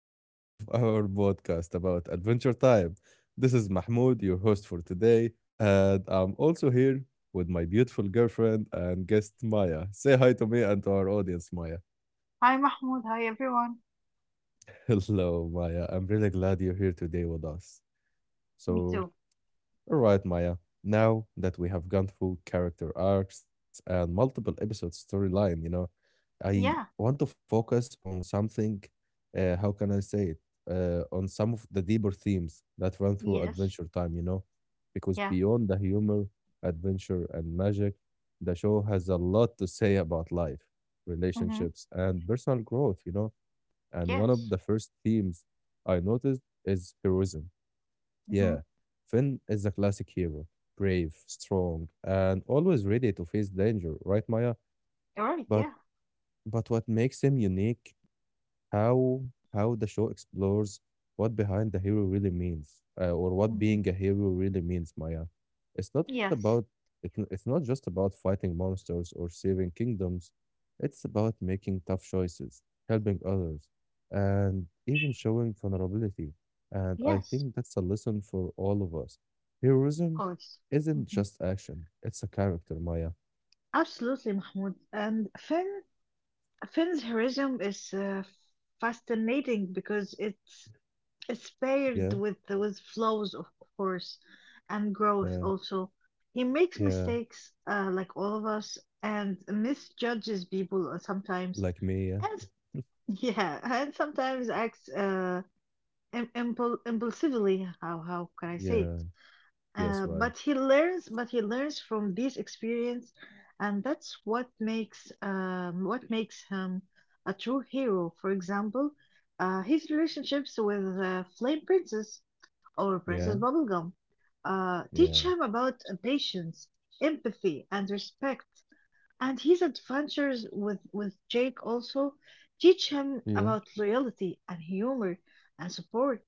three of our podcast about Adventure Time. This is Mahmoud, your host for today, and I'm also here with my beautiful girlfriend and guest Maya. Say hi to me and to our audience, Maya. Hi Mahmoud, hi everyone. Hello, Maya. I'm really glad you're here today with us. Me So, too. all right, Maya. Now that we have gone through character arcs and multiple episode storyline, I Yeah. want to focus on something, how can I say it? On some of the deeper themes that run through Yes. Adventure Time. Because Yeah. beyond the humor, adventure, and magic, the show has a lot to say about life, relationships, Mhm. and personal growth. And one of the Yes. first themes I noticed is heroism. Mhm. Yeah, Finn is a classic hero, brave, strong, and always ready to face danger, right, Maya? You're right. But Yeah. but what makes him unique is how the show explores what behind the hero really means, or what Mhm. being a hero really means, Maya. It's not about Yes. It's not just about fighting monsters or saving kingdoms. It's about making tough choices, helping others, and even showing vulnerability. And I Yes. think that's a lesson for all of us. Of Heroism course. isn't Mhm. just action; it's a character, Maya. Absolutely, Mahmoud. And Finn's heroism is fascinating because it's Yeah, paired with flaws, of course, and growth uh, also. He makes yeah, mistakes, like all of us, and misjudges people sometimes. like me. Yeah. And. Yeah, and sometimes acts impulsively. How can I say it? Yeah. Yes, Uh, right. but he learns, but he learns from this experience, and that's what makes him a true hero. For example, his relationships with Flame Princess or Princess Yeah. Bubblegum Yeah. teach him about patience, empathy, and respect. And his adventures with Jake also teach him Yeah. about loyalty and humor and support.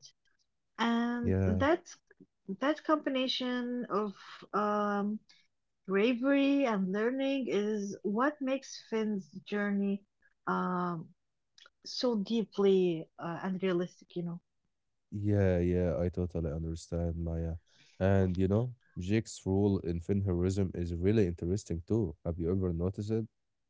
And Yeah. that combination of um, bravery and learning is what makes Finn's journey um, so deeply and realistic. Yeah. Yeah. I totally understand, Maya. And Jake's rule in Finheroism is really interesting too. Have you ever noticed it?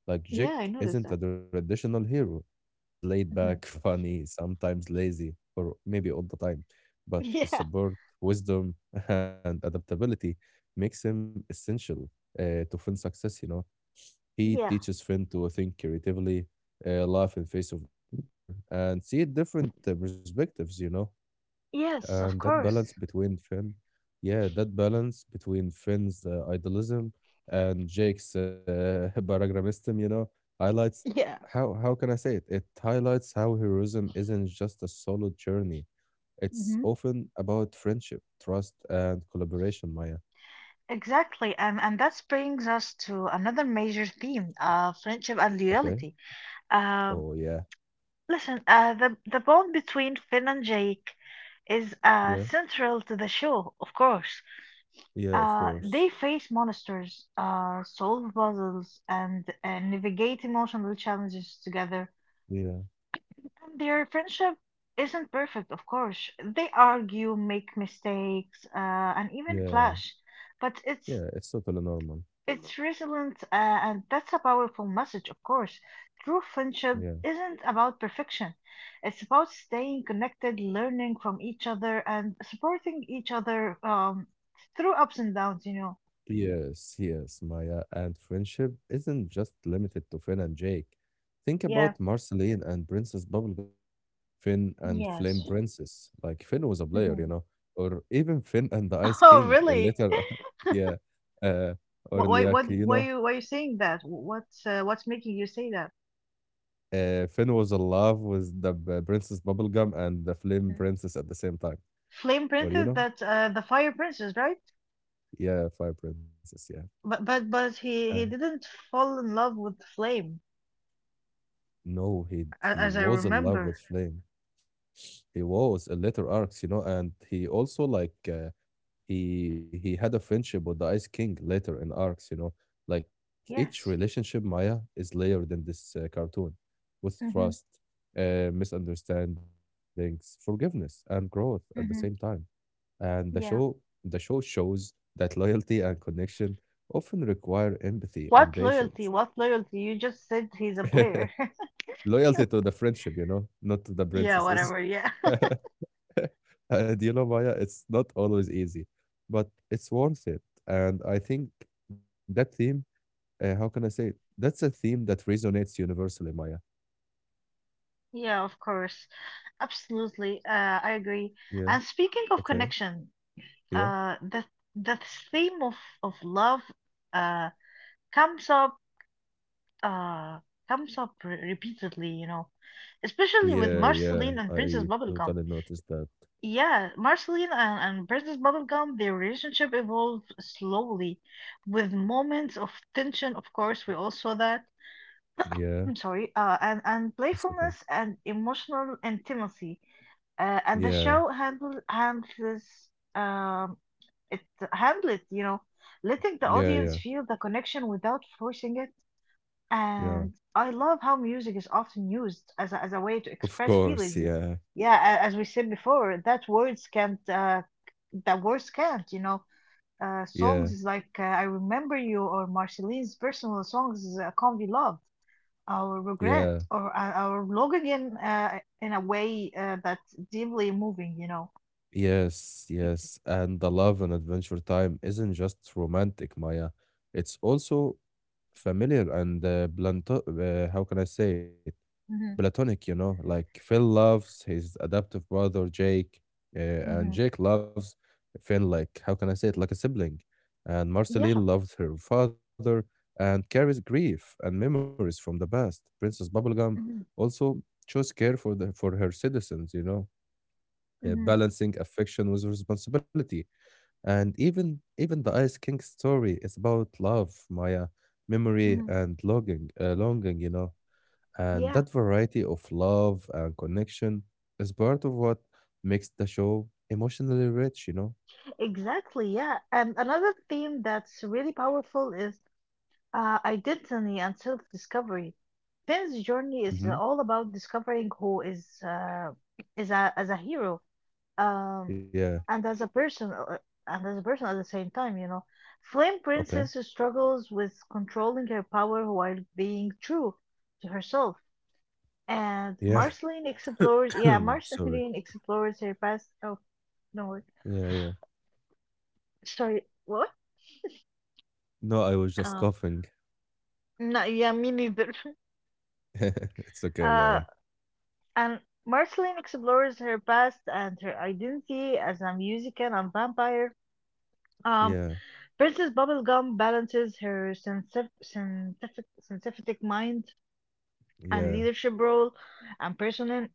Like Yeah, Jake I noticed isn't a that. traditional hero. He's laid back, Mhm. funny, sometimes lazy, or maybe all the time. But his Yeah. support, wisdom, and adaptability makes him essential to Finn's success. He Yeah. teaches Finn to think creatively, laugh in face of danger, and see different perspectives. Yes, And of that balance course. between Finn, Yeah, that balance between Finn's idealism and Jake's paragrammism highlights Yeah. How can I say it? It highlights how heroism isn't just a solo journey. It's Mhm. often about friendship, trust, and collaboration, Maya. Exactly, and that brings us to another major theme, friendship and Okay. loyalty. Oh Um, yeah, Listen, the bond between Finn and Jake is yeah, central to the show, of course. yeah. Of Uh, course. they face monsters, solve puzzles, and navigate emotional challenges together. Yeah, And their friendship isn't perfect, of course. They argue, make mistakes, and even yeah. clash, but it's Yeah, it's totally normal. It's resilient, and that's a powerful message, of course. True Yeah. friendship isn't about perfection. It's about staying connected, learning from each other, and supporting each other through ups and downs. You know. Yes, yes, Maya. And friendship isn't just limited to Finn and Jake. Think Yeah. about Marceline and Princess Bubblegum, Finn and Flame Yes. Princess. Like Finn was a player, you Hmm. know, or even Finn and the Ice Oh, King. And really? later, yeah, uh, What? or Why? What? like Why you? Why you saying that? What's? What's making you say that? Finn was in love with the Princess Bubblegum and the Flame Mhm. Princess at the same time, Flame or Princess, that's the Fire Princess, right? yeah, Fire Princess. Yeah. But Uh, he didn't fall in love with Flame, No, he as I was in love with remember. Flame. He was a letter arcs, and he also like he had a friendship with the Ice King later in arcs. Like each Yes. relationship, Maya is layered in this cartoon, with Mm-hmm. trust, misunderstandings, forgiveness, and growth at the same Mm-hmm. time. And Yeah. the show shows that loyalty and connection often require empathy and What loyalty? patience. What loyalty? You just said he's a player. Loyalty to the friendship, not to the Yeah, princesses. whatever. Yeah. Do you know, Maya, it's not always easy, but it's worth it. And I think that theme, how can I say it? That's a theme that resonates universally, Maya. Yeah, of course. Absolutely. I agree. Yeah. And speaking of Okay. connection, Yeah. uh, the the theme of love uh comes up uh comes up re- repeatedly, you know, especially Yeah. with Yeah. Marceline and I Princess totally Bubblegum. noticed that. Yeah, Marceline and Princess Bubblegum, their relationship evolved slowly with moments of tension, of course, we all saw that. Yeah. I'm sorry, and It's okay. playfulness and emotional intimacy. And the Yeah. show handles um, it it, letting the Yeah. audience Yeah. feel the connection without forcing it. Yeah. And I love how music is often used as a way to Of express course. feelings. Yeah. Yeah, as we said before, that words can't. Uh, Yeah. songs is like I Remember You, or Marceline's personal songs is Can't Be Loved, Our Regret, Yeah. or Our Log, in a way that's deeply moving, you know. Yes, yes. And the love and adventure time isn't just romantic, Maya. It's also familiar and planto how can I say it? Hmm. Platonic, like Phil loves his adoptive brother Jake, Hmm. and Jake loves Finn like, how can I say it? Like a sibling. And Yeah. Marceline loves her father and carries grief and memories from the past. Princess Bubblegum Hmm. also shows care for the for her citizens, Hmm. balancing affection with responsibility. And even the Ice King story is about love, Maya, memory, Hmm. and longing. And Yeah, that variety of love and connection is part of what makes the show emotionally rich. exactly. Yeah. And another theme that's really powerful is identity and self-discovery. Finn's journey is Mm-hmm. all about discovering who is as a hero um, Yeah. and as a person at the same time. You know, Flame Okay. Princess struggles with controlling her power while being true to herself. And Yeah. Marceline explores, yeah, Sorry. Marceline explores her past. Oh no, Yeah. Yeah. sorry, what? No, I was just Uh, coughing. no, yeah, me neither. It's okay, Uh, Maya. And Marceline explores her past and her identity as a musician and vampire. Yeah. Um, Princess Bubblegum balances her scientific mind Yeah. and leadership role and personal,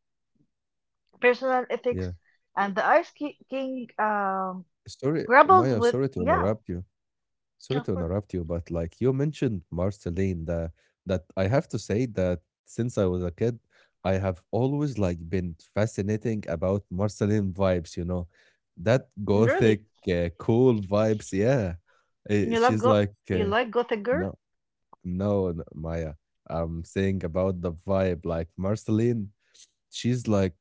Yeah. personal ethics. And the Ice King Sorry, Maya. grapples Sorry to with, interrupt yeah, you. Sorry to yeah, of course, interrupt you, but like you mentioned Marceline, that I have to say that since I was a kid, I have always like been fascinating about Marceline vibes, that really. gothic cool vibes. Yeah, You she's like like Gothic Girl? no, no, Maya. I'm saying about the vibe, like Marceline she's like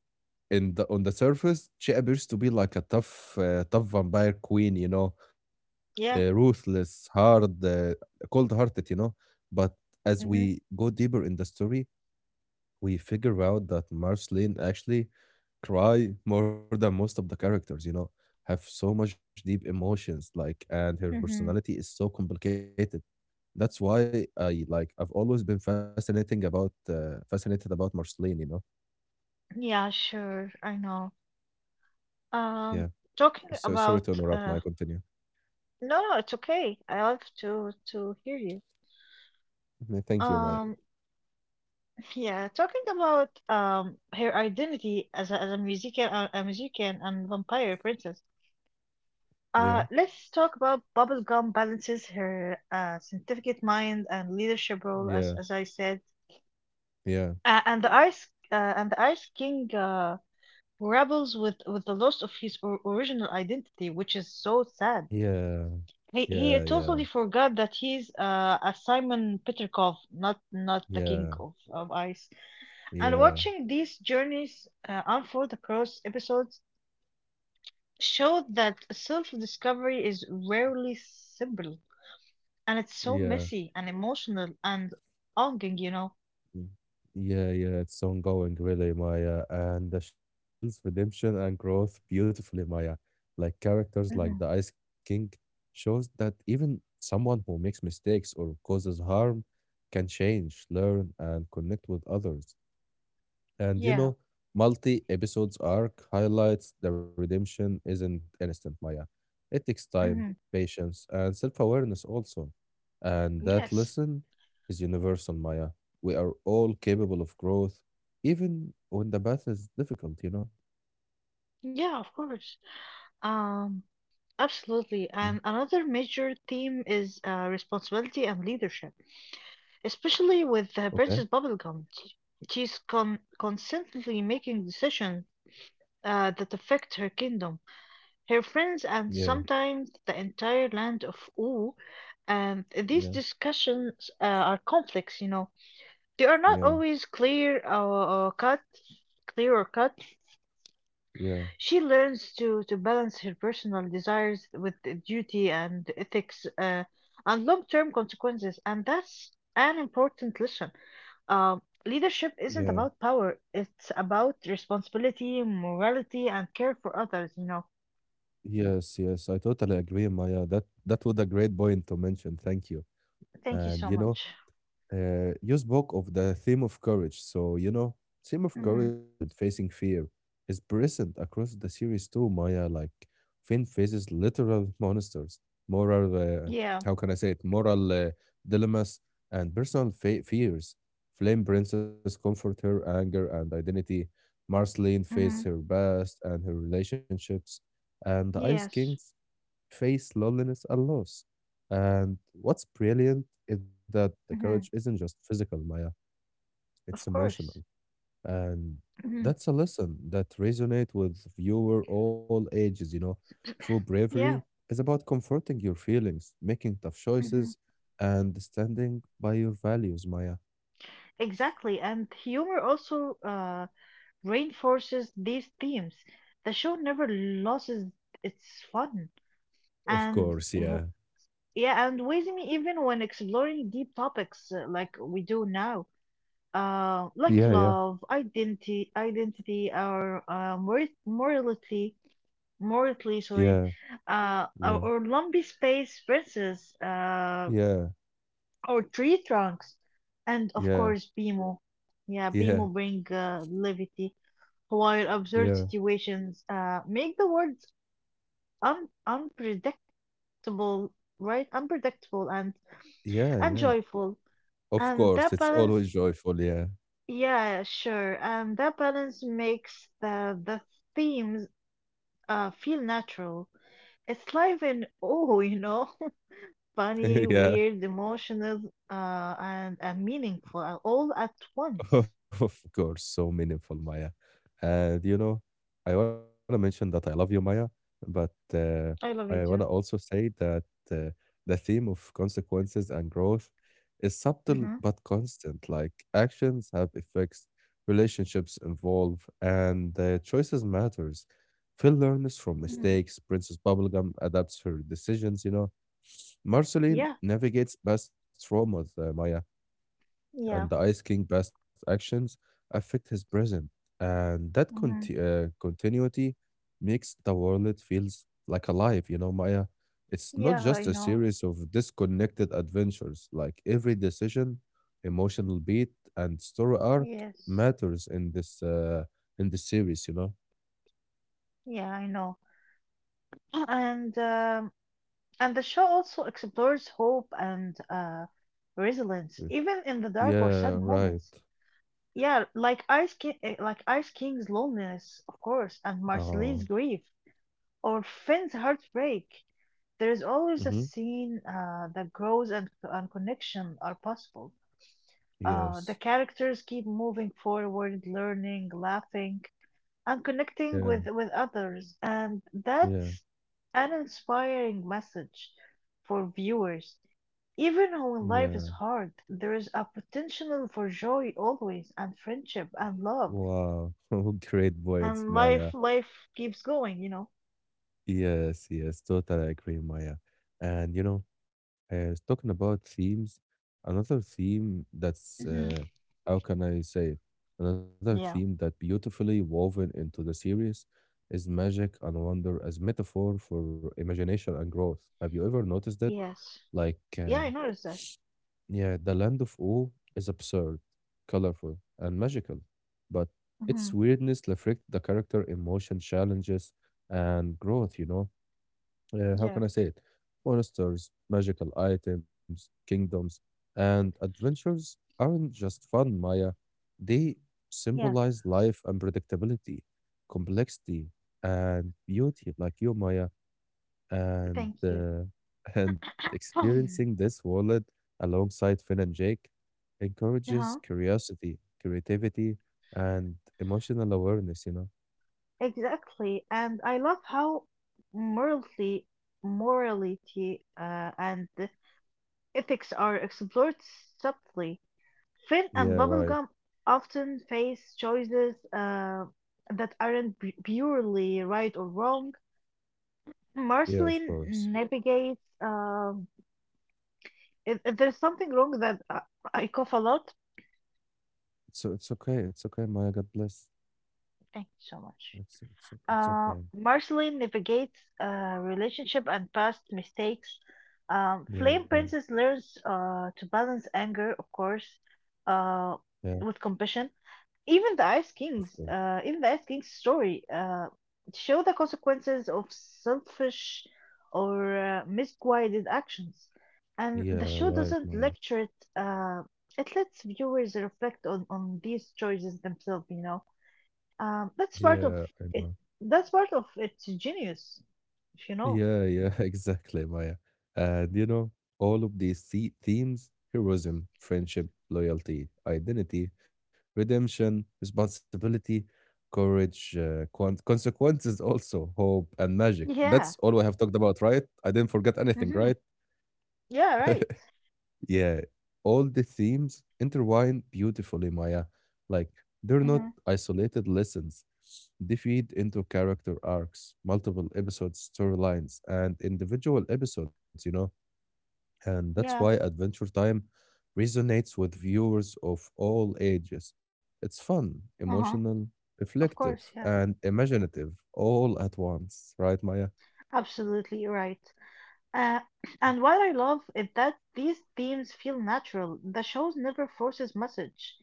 in the on the surface she appears to be like a tough vampire queen, Yeah. ruthless, hard, cold hearted, but as Mm-hmm, we go deeper in the story, we figure out that Marceline actually cry more than most of the characters, have so much deep emotions, like, and her mm-hmm. personality is so complicated. That's why I I've always been fascinating about fascinated about Marceline. Yeah, sure, I know. yeah Um, So talking sorry to about interrupt, Maya. Continue. No, no, it's okay. I love to hear you. No, thank you, Maya. Um, yeah, talking about her identity as a musician, a musician and vampire princess. Yeah, Let's talk about Bubblegum balances her scientific mind and leadership role, yeah, as I said, yeah, and the Ice King who rebels with the loss of his or original identity, which is so sad. yeah, He yeah, totally forgot that he's a Simon Petrikov, not yeah, the King yeah, of Ice. And yeah, watching these journeys unfold across episodes showed that self-discovery is rarely simple, and it's yeah. so messy and emotional and longing. Mm, yeah, yeah, it's ongoing, really, Maya. And the show handles redemption and growth beautifully, Maya. Like characters like Mm-hmm. the Ice King shows that even someone who makes mistakes or causes harm can change, learn, and connect with others. And Yeah. Multi episodes arc highlights the redemption isn't instant, Maya. It takes time, Mm-hmm. patience, and self awareness also. And that Yes. lesson is universal, Maya. We are all capable of growth, even when the path is difficult. Yeah, of course. Um, Absolutely. Yeah. And another major theme is responsibility and leadership. Especially with Okay. Princess Bubblegum. She's constantly making decisions that affect her kingdom, her friends, and Yeah, sometimes the entire land of Oo. And these yeah, discussions are complex. They are not yeah, always clear or cut, clear or cut. yeah, She learns to balance her personal desires with the duty and ethics and long-term consequences, and that's an important lesson. Yeah. Leadership isn't about power, it's about responsibility, morality, and care for others. Yes, yes. I totally agree, Maya. That was a great point to mention. Thank you. Thank you And so much. You spoke of the theme of courage, so theme Mm. of Hmm. courage and facing fear is present across the series too, Maya. Like Finn faces literal monsters, moral, Yeah. how can I say it, moral dilemmas and personal fe fears. Flame Princess comfort her anger and identity. Marceline faces Hmm. her past and her relationships, and the Ice Kings Yes. face loneliness and loss. And what's brilliant is that the courage Hmm. isn't just physical, Maya, it's Of course. emotional. And Hmm. that's a lesson that resonates with viewer all ages. True bravery Yeah. is about comforting your feelings, making tough Hmm. Mhm. choices, and standing by your values, Maya. Exactly. And humor also reinforces these themes. The show never loses its fun. Of And course, yeah. yeah, and with me, even when exploring deep topics like we do now. Yeah, Like yeah, love, identity, or morality, sorry, yeah, or yeah, Lumpy Space Princess, yeah, or Tree Trunks, and of yeah, course Bimo. Yeah, yeah, Bimo bring levity while absurd yeah, situations make the world unpredictable, right? Unpredictable and yeah, and yeah. joyful, Of and course, that it's balance always joyful. Yeah, Yeah, sure. And that balance makes the themes feel natural. It's live and oh, funny, yeah. weird, emotional, and meaningful all at once. Of course, so meaningful, Maya. And I want to mention that I love you, Maya, but I I love want you to too. also say that uh, the theme of consequences and growth is subtle Mm-hmm. but constant. Like actions have effects, relationships evolve, and choices matters. Phil learns from Hmm. mistakes. Princess Bubblegum adapts her decisions. Marceline Yeah, navigates past traumas, Maya, and yeah, the Ice King past actions affect his present, and that mm-hmm. Continuity makes the world feels like alive. You know, Maya, it's not Yeah, I just a know. series of disconnected adventures. Like every decision, emotional beat, and story arc Yes, matters in this in the series. yeah, I know. And um, and the show also explores hope and resilience, Mm. even in the dark or Yeah. sad moments. Right. Yeah, like Ice King's loneliness, of course, and Oh. Marceline's grief, or Finn's heartbreak. There is always a Mm-hmm. scene that grows, and connection are possible. The Yes. characters keep moving forward, learning, laughing, and connecting Yeah. with others, and Yeah. that's an inspiring message for viewers. Even when life is Yeah. hard, there is a potential for joy always, and friendship and love Wow. Great points, and life Maya. life keeps going. Yes, yes, totally agree, Maya. And talking about themes, another theme that's Mm-hmm. how can I say it? Another theme Yeah. that beautifully woven into the series is magic and wonder as metaphor for imagination and growth. Have you ever noticed it? Yes. Like, yeah i noticed that yeah, the land of awe is absurd, colorful, and magical, but Mm-hmm. its weirdness reflects the character emotion challenges and growth. How yeah can I say it? Monsters, magical items, kingdoms, and adventures aren't just fun, Maya. They yeah symbolize life and predictability, complexity, and beauty, like you, Maya, and thank you and experiencing Um, this wallet alongside Finn and Jake encourages Uh-huh. curiosity, creativity, and emotional awareness. Exactly. And I love how morality, morality, and the ethics are explored subtly. Finn and Yeah. Right. Bubblegum often face choices that aren't purely right or wrong. Yeah. Of Marceline course. navigates. If there's something wrong, that I cough a lot, So it's okay. It's okay, Maya. God bless. thank you so much. It's okay. Marceline navigates relationship and past mistakes. Yeah, Flame Princess learns to balance anger, of course, uh, yeah, with compassion. Even the Ice of King's, course. Even the Ice King's story, show the consequences of selfish or misguided actions, and Yeah, the show right, doesn't Maya. lecture it. It lets viewers reflect on these choices themselves. You know, that's Yeah, part of I know. it. That's part of its genius, if you know. Yeah, yeah, exactly, Maya. And all of these themes, heroism, friendship, loyalty, identity, redemption, responsibility, courage, consequences also, hope and magic. That's Yeah. all I have talked about, right? I didn't forget anything, Mm-hmm. right? Yeah. Right. Yeah, all the themes intertwine beautifully, Maya. Like, they're not Mm-hmm. isolated lessons. They feed into character arcs, multiple episodes, storylines, and individual episodes. And that's why Yeah. Adventure Time resonates with viewers of all ages. It's fun, Uh huh. emotional, Of course. reflective, Yeah. and imaginative all at once, right, Maya? Absolutely right. Uh, and what I love is that these themes feel natural. The show never forces message.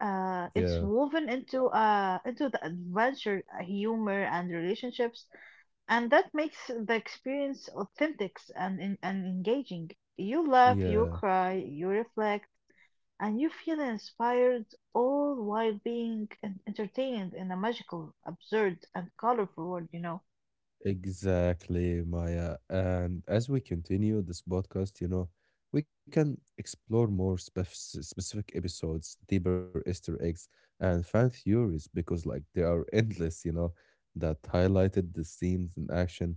Uh, Yeah, it's woven into the adventure, humor, and relationships, and that makes the experience authentic and and engaging. You laugh, you yeah. cry, you reflect, and you feel inspired, all while being entertained in a magical, absurd, and colorful world. You know? Exactly, Maya. And as we continue this podcast, we can explore more spef specific episodes, deeper Easter eggs, and fan theories because, like, they are endless, that highlighted the themes in action.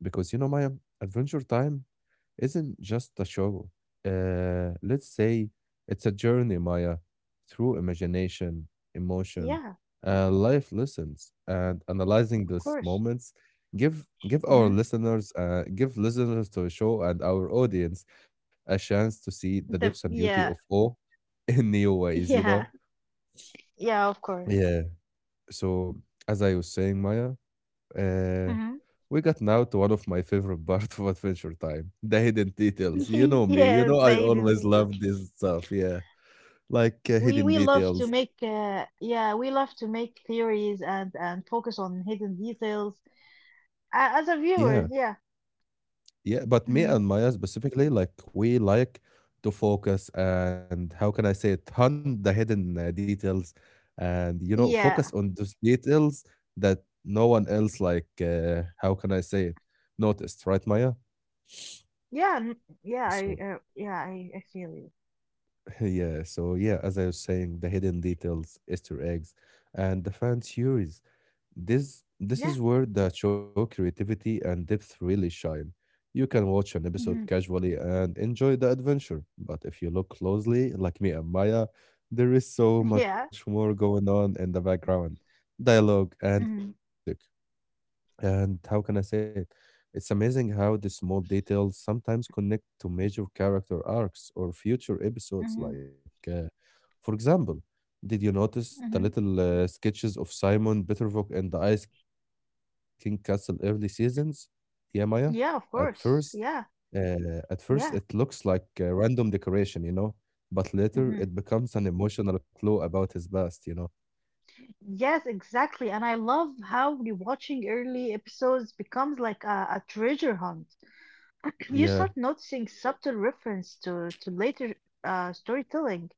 Because, you know, Maya, Adventure Time isn't just a show. Let's say it's a journey, Maya, through imagination, emotion, Yeah, life lessons, and analyzing of these course. moments. Give our Hmm. listeners, give listeners to the show and our audience a chance to see the depths The and beauty of Yeah. awe in new ways. Yeah. Yeah, of course. yeah. So as I was saying, Maya. Uh, Mm-hmm. we got now to one of my favorite parts of Adventure Time, the hidden details. You know me, Yes, you my know I identity always too. love this stuff. Yeah, like We hidden love to details. make, yeah, we love to make theories and focus on hidden details as a Yeah, viewers. Yeah, yeah. But me and mm-hmm, Maya specifically, like we like to focus and how can I say it, hunt the hidden details, and you know focus yeah, on those details that no one else like. How can I say it? Noticed, right, Maya? yeah, yeah. I So yeah, I feel you. yeah, as I was saying, the hidden details, Easter eggs, and the fan theories. This Yeah, is where the show creativity and depth really shine. You can watch an episode mm-hmm. casually and enjoy the adventure, but if you look closely, like me and Maya, there is so much yeah, more going on in the background, dialogue, and even mm-hmm. music. And how can I say it? It's amazing how the small details sometimes connect to major character arcs or future episodes Mm-hmm. like. uh, For example, did you notice the Mm-hmm. little sketches of Simon Bittervok and the Ice King Castle early seasons? Yeah, Maya. At Yeah. first, Of course. Yeah, at first it looks yeah. like a random decoration, you know, but later it Mm-hmm. becomes an emotional clue about his past, you know. Yes, exactly. And I love how rewatching early episodes becomes like a treasure hunt. You Yeah, start noticing subtle reference to later storytelling,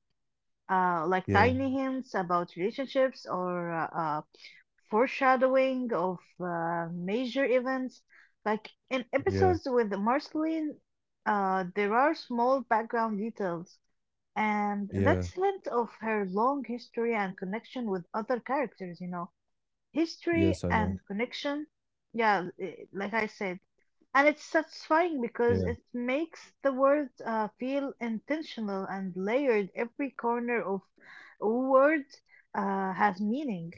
like yeah, tiny hints about relationships or foreshadowing of major events. Like in yeah, episodes with Marceline, there are small background details, and yeah. that's hint of her long history and connection with other characters. History Yes, I and know. connection. Yeah, like I said. And it's satisfying Yeah. because it makes the world feel intentional and layered. Every corner of a word has meaning.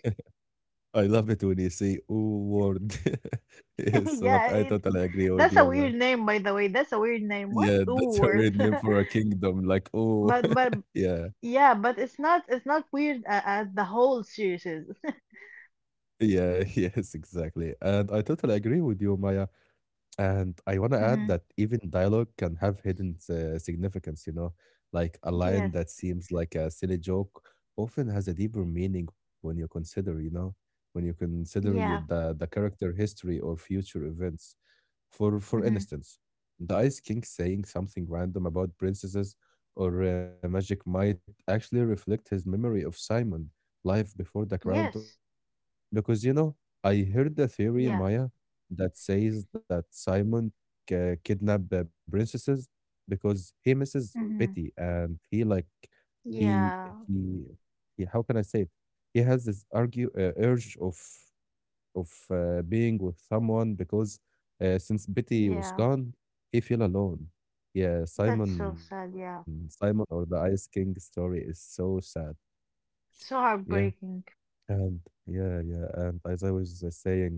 I love it when you say, oh, word. Yes, but yeah, I it, totally agree with that's a you, weird Maya. name, by the way. That's a weird name. What's Yeah, a that's a word? weird name for a kingdom. Like, oh, But yeah, yeah, but it's not weird as the whole series is. yeah, yes, exactly. And I totally agree with you, Maya. And I want to add that Hmm. even dialogue can have hidden significance, you know, like a Yes. line that seems like a silly joke often has a deeper meaning when you consider, you know, when you consider Yeah. The character history or future events. For Hmm. instance, the Ice King saying something random about princesses or magic might actually reflect his memory of Simon, life before the crown took Yes. over. Because you know, I heard a theory, Yeah. Maya, that says that Simon kidnapped princesses because he misses Hmm. Betty and he like he Yeah. he how can I say it? He has this argue urge of being with someone because since Betty was Yeah. gone, he feel alone. Yeah, That's so Simon, sad, Simon yeah. or the Ice King story is so sad. Yeah, So heartbreaking. and yeah, yeah, and as I was saying, Maya,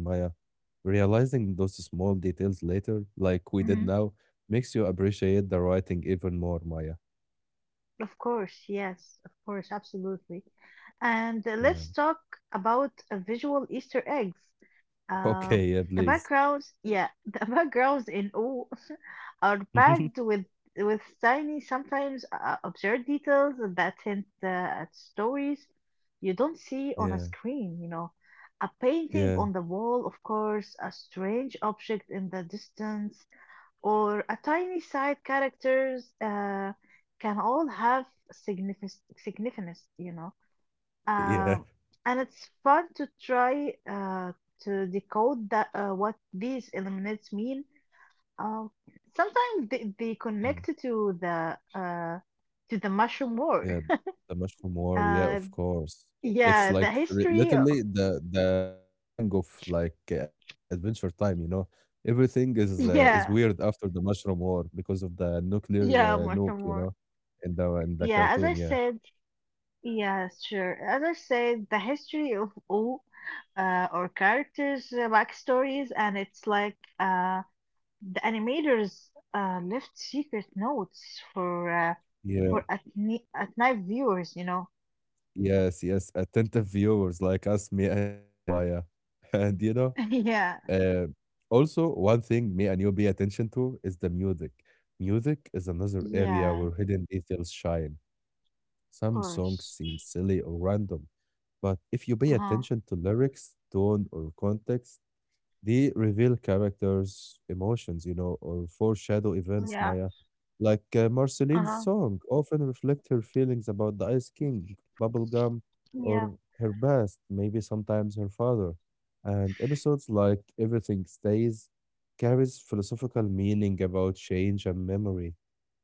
realizing those small details later, like we did Hmm. now, makes you appreciate the writing even more, Maya. Of course, yes, of course, absolutely. And Yeah. let's talk about visual Easter eggs. Okay, Uh, yeah, the please. backgrounds, yeah, the backgrounds in O are packed with tiny, sometimes absurd details that hint at stories you don't see on a yeah, screen. A painting yeah, on the wall, of course, a strange object in the distance, or a tiny side characters can all have significance, you know. yeah. Um, and it's fun to try to decode that what these elements mean. Um, Sometimes they Yeah. connect to the mushroom Yeah, war. the mushroom war. Yeah, of Uh, course. It's yeah, the like history. Literally the beginning of like Adventure Time. You know, everything is weird Yeah, after the mushroom war because of the nuclear yeah, nuke. mushroom You war. know, in the Yeah, as I cartoon. Yeah. said. Yeah, sure. As I said, the history of O or characters' backstories, and it's like the animators left secret notes for uh, Yeah. for at night viewers. You know? Yes. Yes. Attentive viewers like us, me and you, Maya, and you know. Yeah, Uh, also, one thing me and you pay attention to is the music. Music is another area yeah, of where hidden details shine. Some songs course. seem silly or random, but if you pay Uh huh. attention to lyrics, tone, or context, they reveal characters' emotions, you know, or foreshadow events, Yeah. Maya. Like Uh Marceline's huh. song often reflect her feelings about the Ice King, Bubblegum, Yeah. or her past, maybe sometimes her father. And episodes like Everything Stays carries philosophical meaning about change and memory.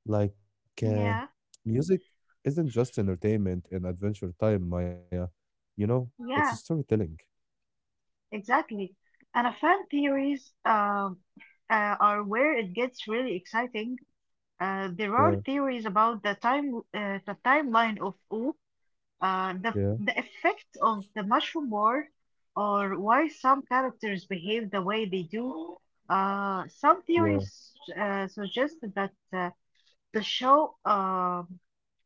Like, uh, Yeah. Music isn't just entertainment and Adventure Time, Maya. You know, it's Yeah. storytelling. Exactly. And a fan theories are where it gets really exciting. There Yeah, are theories about the timeline of O. The, yeah, the effect of the mushroom war, or why some characters behave the way they do. Yeah, Some theories suggest that the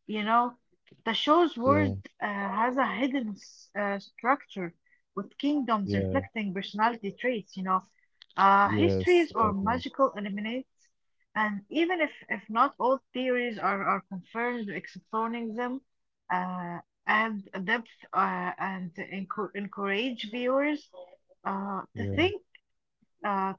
you know, the show's yeah, world has a hidden structure with kingdoms yeah. reflecting personality traits, you know, Yes, histories right or now. magical eliminates. And even if not all theories are confirmed, exploring them uh, and depth and encourage viewers to Yeah. think uh,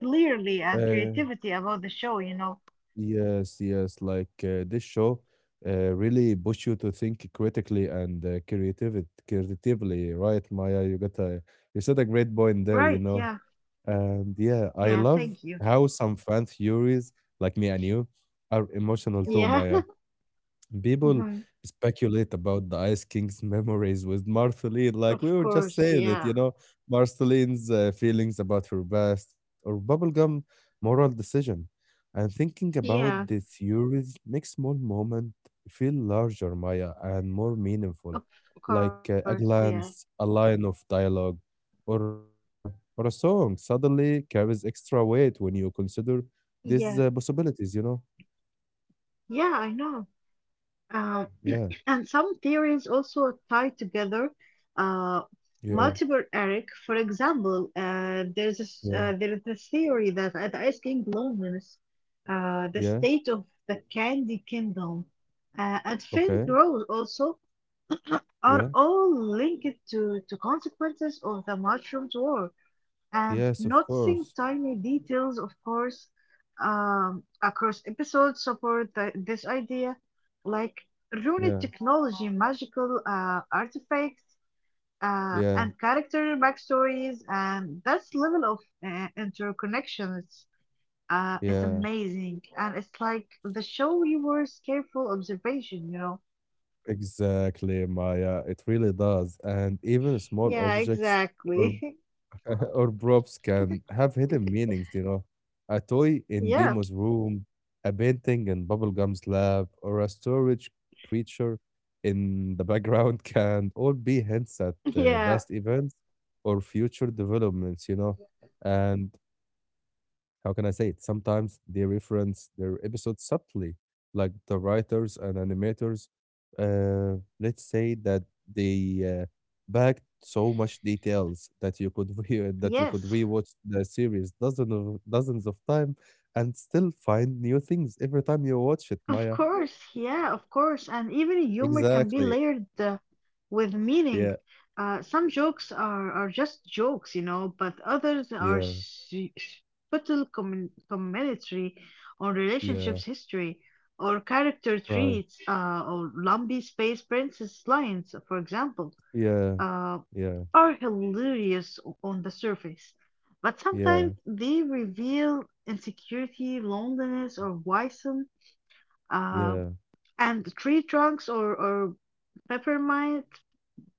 clearly and Uh, creativity about the show, you know. yes, yes. Like this show really push you to think critically and creatively, right, Maya? You said a great point there, you Right, know. yeah, And yeah, yeah, I thank love you. how some fan theories, like me and you, are emotional too, Yeah. Maya. People speculate about the Ice King's memories with Marceline, like we Of were just course, saying it, you yeah. know, Marceline's feelings about her past or bubblegum moral decision. And thinking about Yeah, the theories makes small moment feel larger, Maya, and more meaningful, of like course, a yeah. glance, a line of dialogue, or uh, or a song suddenly carries extra weight when you consider Yeah, these possibilities. You know? yeah, I know. Um, Yeah. and some theories also tie together uh, Yeah. multiple Eric. For example, Yeah. There is a theory that at Ice King loneliness, the Yeah. state of the Candy Kingdom, and Okay. faint growth also Yeah. are all linked to consequences of the Mushroom's War. And Yes, of noticing course. tiny details, of course, across episodes support this idea, like Yeah. runic technology, magical artifacts, Yeah. and character backstories, and that's level of interconnections is Yeah. amazing, and it's like the show rewards careful observation, you know. Exactly, Maya. It really does. And even small Yeah, objects or exactly. or props can have hidden meanings, you know. A toy in Yeah, Bemo's room, a painting in Bubblegum's lab, or a storage creature in the background can all be hints at yeah, past events or future developments, you know. And how can I say it? Sometimes they reference their episodes subtly, like the writers and animators. Let's say that they backed so much details that you could re- that you yes. could rewatch the series dozens of time and still find new things every time you watch it, Of Maya. course, yeah, of course. And even humor can be Exactly. layered with meaning. Yeah. Some jokes are just jokes, you know, but others are Yeah. Subtle commentary on Yeah. relationships history or character Right. traits or lumpy space princess lines, for example, Yeah. uh, Yeah. are hilarious on the surface. But Yeah. sometimes they reveal insecurity, loneliness, or worrisome. Yeah. And tree trunks or peppermint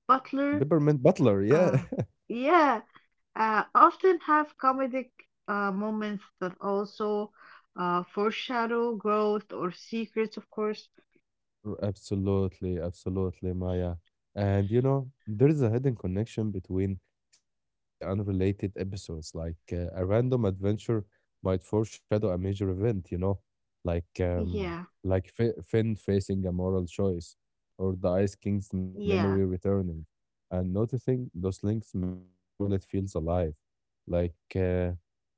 butler, Peppermint Butler. Yeah. uh yeah often have comedic moments that also foreshadow growth or secrets, of course. Absolutely, absolutely, Maya. And you know, there is a hidden connection between seemingly unrelated episodes, like a random adventure might foreshadow a major event, you know, like um, Yeah, like Finn facing a moral choice, or the Ice King's memory yeah, returning. And noticing those links make the world it feels alive, like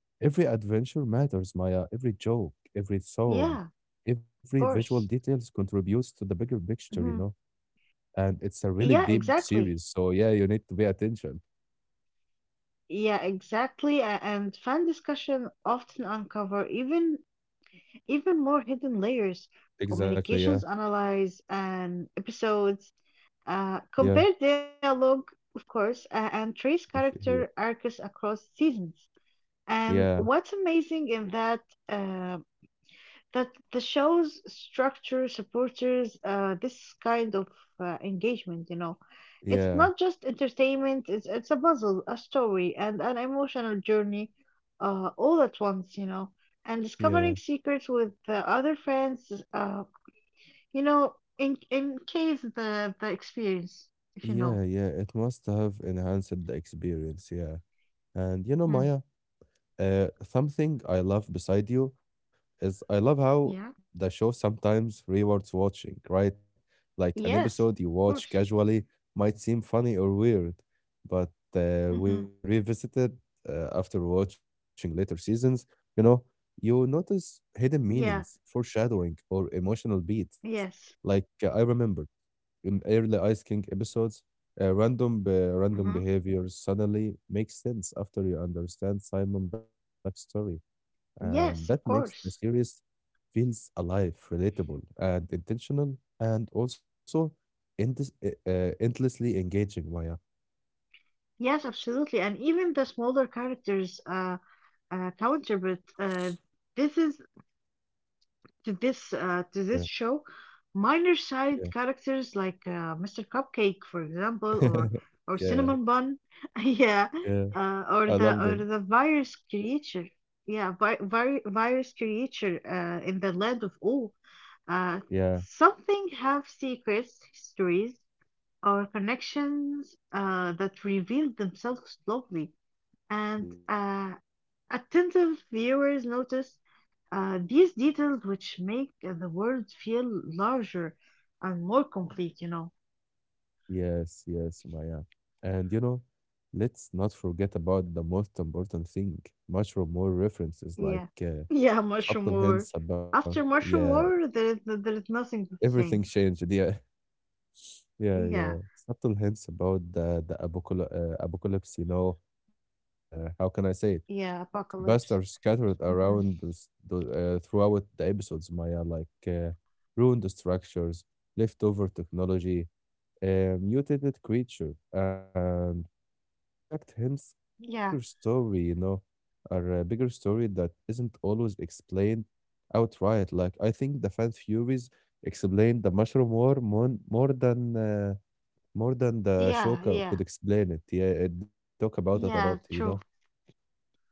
every adventure matters, Maya. Every joke, every song, yeah, of every visual course. details contributes to the bigger picture, you Hmm, know? And it's a really yeah, deep series. exactly, So yeah, you need to pay attention. yeah, exactly. And fan discussion often uncover even more hidden layers, Exactly, yeah. communications analyze and episodes. Yeah. Compare dialogue, of course, and trace character arcs across seasons. And Yeah. what's amazing in that uh, that the show's structure supporters this kind of engagement. You know, Yeah. it's Yeah. not just entertainment; it's a puzzle, a story, and an emotional journey all at once. You know, and Yeah. discovering secrets with other friends. You know, in encases the experience, if you know. Yeah. Yeah. It must have enhanced the experience, yeah. And you know, Hmm. Maya, something I love beside you is I love how Yeah. the show sometimes rewards watching, right? Like an episode you Yes, of watch course. casually might seem funny or weird, but when Hmm. you revisit it after watching later seasons, you know, you notice hidden meanings, Yeah. foreshadowing, or emotional beats. Yes. Like I remember in early Ice King episodes, random Hmm. behaviors suddenly make sense after you understand Simon backstory, and that Yes, makes of the course. series feels alive, relatable, and intentional, and also endless, endlessly engaging. Maya, Yes, absolutely. And even the smaller characters counter, but this is yeah, to this show, minor yeah, side characters like Mr. Cupcake, for example, or yeah, Cinnamon Bun, yeah, yeah. Or I love them. the virus creature, yeah, virus creature in the land of all. Uh, Yeah, Something have secrets, histories, or connections that reveal themselves slowly. And yeah. Attentive viewers notice these details, which make the world feel larger and more complete, you know. Yes, yes, Maya. And you know, let's not forget about the most important thing. Much or more references like Yeah. Yeah, Mushroom subtle War. hints about After Mushroom yeah, War, there is nothing the everything same. changed. Yeah, yeah, yeah. Yeah. Subtle hints about the apocalypse, apocalypse. You know, post. How can I say it? Yeah, Best are Apocalypse. scattered Hmm. around throughout the episodes, Maya. Like ruined structures, leftover technology a mutated creature. And artifact hints are bigger Yeah. story, you know, are a bigger story that isn't always explained outright. Like I think the fan theories explained the mushroom war more than the Yeah, Shoka yeah. could explain it. Yeah, it didn't talk about it a lot, Yeah, you know. true.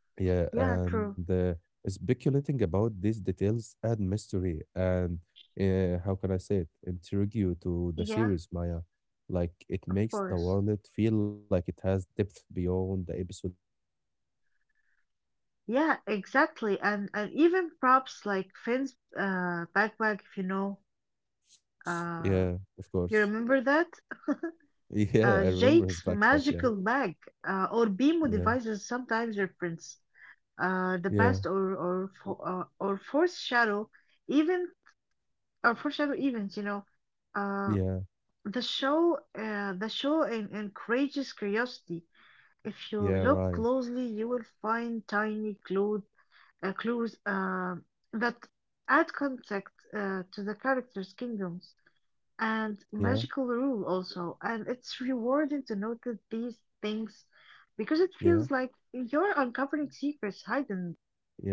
Yeah, Yeah, and true. Speculating about these details add mystery and how can I say it? Intrigue you to the Yeah, series, Maya. Like it of makes the course. world feel like it has depth beyond the episode we see, you know? Yeah, exactly. And even props like Finn's backpack, if you know, Yeah, uh of course. you remember that? Yeah, I remember his Jake's backpack. Yeah, magical bag or BMO yeah, devices sometimes reference the yeah, past or or foreshadow even or foreshadow events. You know, uh, yeah, the show encourages curiosity. If you yeah, look right. closely, you will find tiny clues that add context to the characters' kingdoms and Yeah, magical rule also. And it's rewarding to notice these things because it yeah, feels like you're uncovering secrets hidden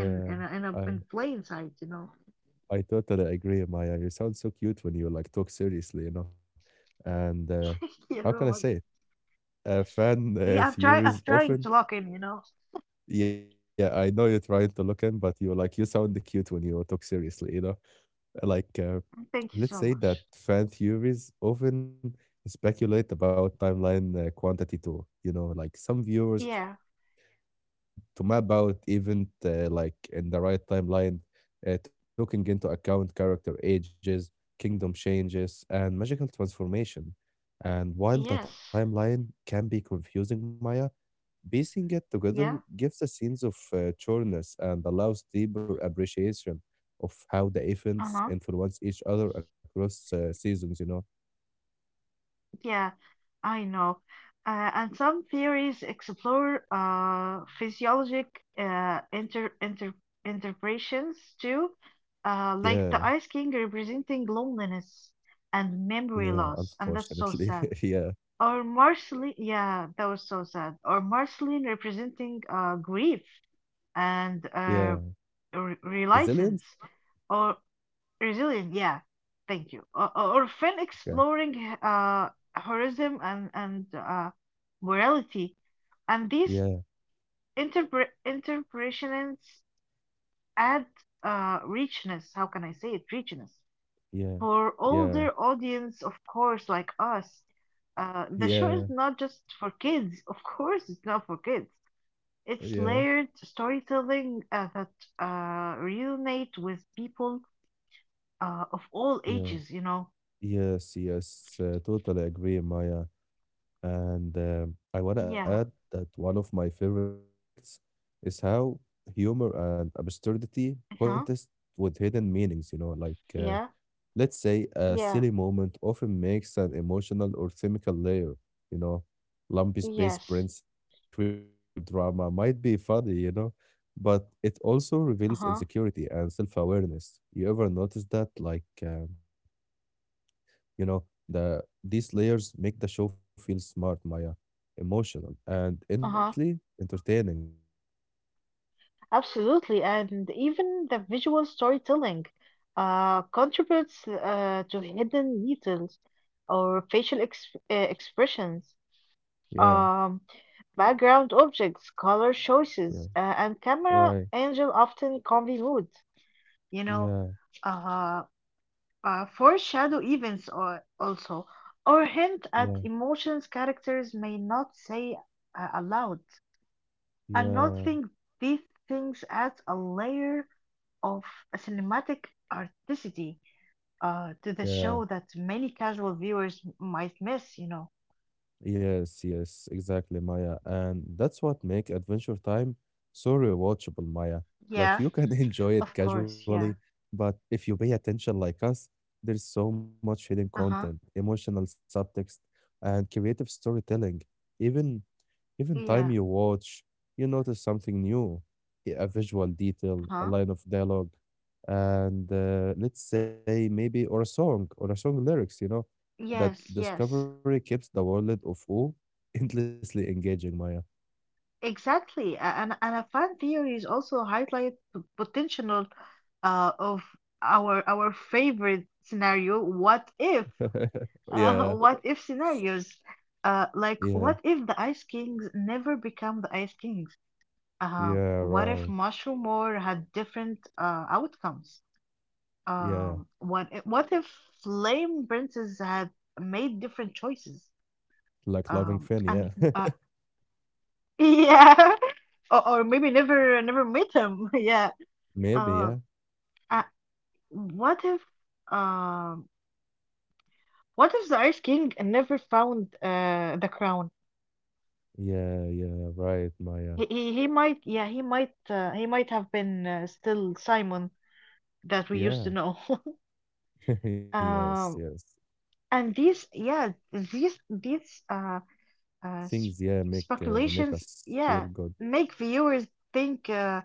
I in plain sight, you know. I totally agree, Maya. You sound so cute when you like talk seriously, you know? And how You can I say know, it? Fan yeah, I'm trying. I'm theories trying often. to lock in. You know. Yeah, I know you're trying to look in, but you like you sound cute when you talk seriously, you know? Like, uh, Thank you let's so say that much. fan theories often speculate about timeline quantity too. You know, like some viewers Yeah. try to map to map out event like in the right timeline, taking into account character ages, kingdom changes, and magical transformation. And while the Yes. timeline can be confusing, Maya, piecing it together Yeah. gives a sense of chorness and allows deeper appreciation of how the Uh events huh. influence each other across seasons, you know? Yeah, I know. And some theories explore physiologic uh, inter inter interpretations too, Yeah, like the Ice King representing loneliness and yeah, memory loss, and that's so unfortunately. sad. yeah, Or Marceline, yeah, that was so sad. Or Marceline representing grief and yeah. Resilience? reluctance. Or Resilient, yeah. Thank you. Or fun Okay. exploring heroism and morality, and these Yeah, interpretations add richness. How can I say it? Richness yeah, for yeah, older audience, of course, like us. The yeah, show is not just for kids. Of course, it's not for kids. yeah, It's layered storytelling that resonate with people of all yeah. ages. You know. Yes, yes, totally agree, Maya. And Yeah. I want to add that one of my favorite aspects is how humor and absurdity Uh-huh. contest with hidden meanings, you know, Yeah. uh, let's say Yeah. a silly moment often makes an emotional or thematic layer, you know, lumpy space Yes. princess screaming out drama might be funny, you know, but it also reveals Uh-huh. insecurity and self-awareness. You ever notice that? You know, these layers make the show feel smart, Maya, emotional, and Uh-huh. Gotcha. endlessly entertaining, Maya. Absolutely. And even the visual storytelling contributes to hidden details or facial expressions, Yeah, um, background objects, color choices, yeah, and camera right. angle often convey mood. You know, Yeah, uh, foreshadow events, or also or hint at yeah, emotions characters may not say aloud. And yeah, noting these things adds a layer of cinematic articity to the yeah. show that many casual viewers might miss, you know. Yes, yes, exactly, Maya. And that's what make Adventure Time so rewatchable, Maya. Like Yeah, you can enjoy it of course, casually, yeah. but if you pay attention like us, there is so much hidden content, Uh-huh. emotional subtext, and creative storytelling. Even Even time Yeah. you watch, you notice something new, a visual detail, a Uh-huh. line of dialogue, and let's say maybe or a song lyrics, you know, that Yes, yes. discovery keeps the world of O endlessly engaging, Maya. Exactly. And a fan theories also highlight the potential of our favorite scenario, what if? Yeah, What if scenarios? Like, yeah, what if the Ice Kings never become the Ice Kings? Yeah, What if right. Mushroom War had different outcomes? Yeah, What if Flame Princess had made different choices? like loving Finn, And yeah. Yeah, or maybe never met him. Yeah. Maybe, Uh, yeah. uh, what if um, what if the Ice King never found the crown? Yeah, yeah, right, Maya. He might, yeah, he might have been still Simon that we used to Yeah. know. Yes, Um, yes. and these yeah these Things, sp yeah, make make Speculations, us feel yeah, good. make viewers think, uh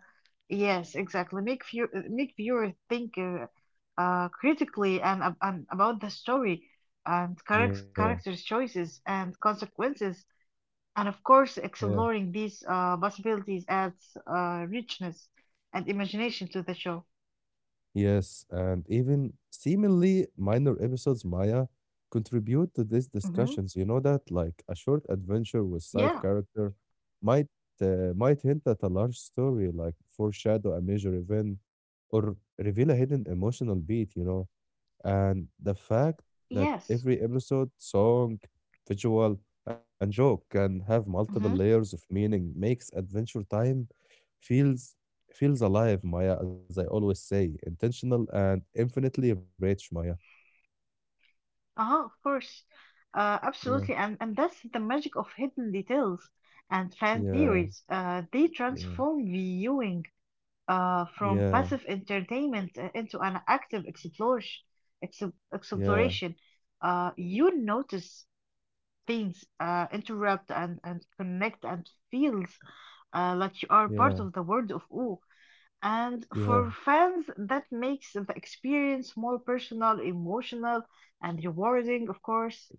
yes exactly make view uh, make viewers think critically and about the story and Yeah. characters choices and consequences. And of course, Yeah. exploring these possibilities adds richness and imagination to the show. Yes, and even seemingly minor episodes, Maya, contribute to these Hmm. discussions. You know that, like a short adventure with side Yeah, character, might might hint at a large story, like foreshadow a major event, or reveal a hidden emotional beat. You know. And the fact yes. that every episode, song, visual, and joke can have Hmm. multiple layers of meaning makes Adventure Time feels feels alive, Maya, as I always say, intentional and infinitely rich, Maya. Uh-huh, of course. Yeah. Absolutely. And that's the magic of hidden details and fan Yeah, theories. They yeah, transform viewing from yeah, passive entertainment into an active exploration. yeah, exploration. You notice things, interrupt and connect and feel like you are yeah, part of the world of O. And yeah. for fans, that makes the experience more personal, emotional, and rewarding, of course.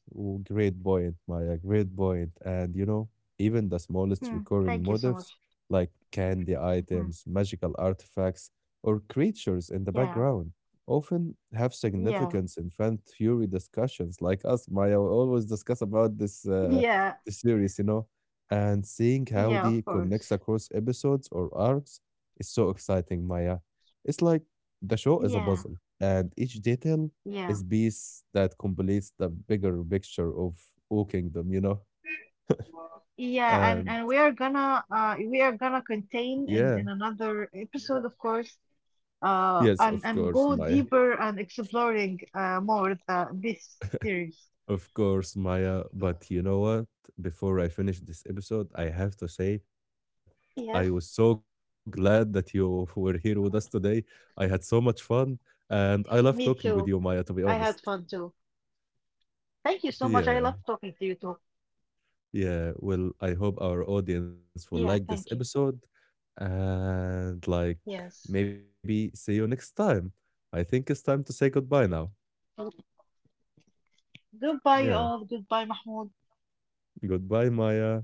Oh, great point, Maya. Great point. And you know, even the smallest Hmm, recurring thank you so much. motifs, like candy Mhm. items, magical artifacts, or creatures in the Yeah, background, often have yeah, significance in fan theory discussions. Like us, Maya, we always discuss about this yeah, this series, you know. And seeing how yeah, of the course. connects across episodes or arcs is so exciting, Maya. It's like the show is a Yeah, puzzle, and each detail yeah. is piece that completes the bigger picture of O Kingdom, you know? Yeah, And and we are gonna contain yeah, in another episode, of course, yes, of and course, go Maya. deeper and exploring more the this series. Of course, Maya. But you know what? Before I finish this episode, I have to say that Yes. I was so glad that you were here with us today. I had so much fun and I love Me talking too. with you, Maya, I to be had fun honest. too. Thank you so much. I love Yeah. talking to you too. Yeah, well, I hope our audience will like Yeah, this thank you. episode and like Yes. maybe see you next time. I think it's time to say goodbye now. Well, goodbye, Yeah, you all. Goodbye, Mahmoud. goodbye, Maya.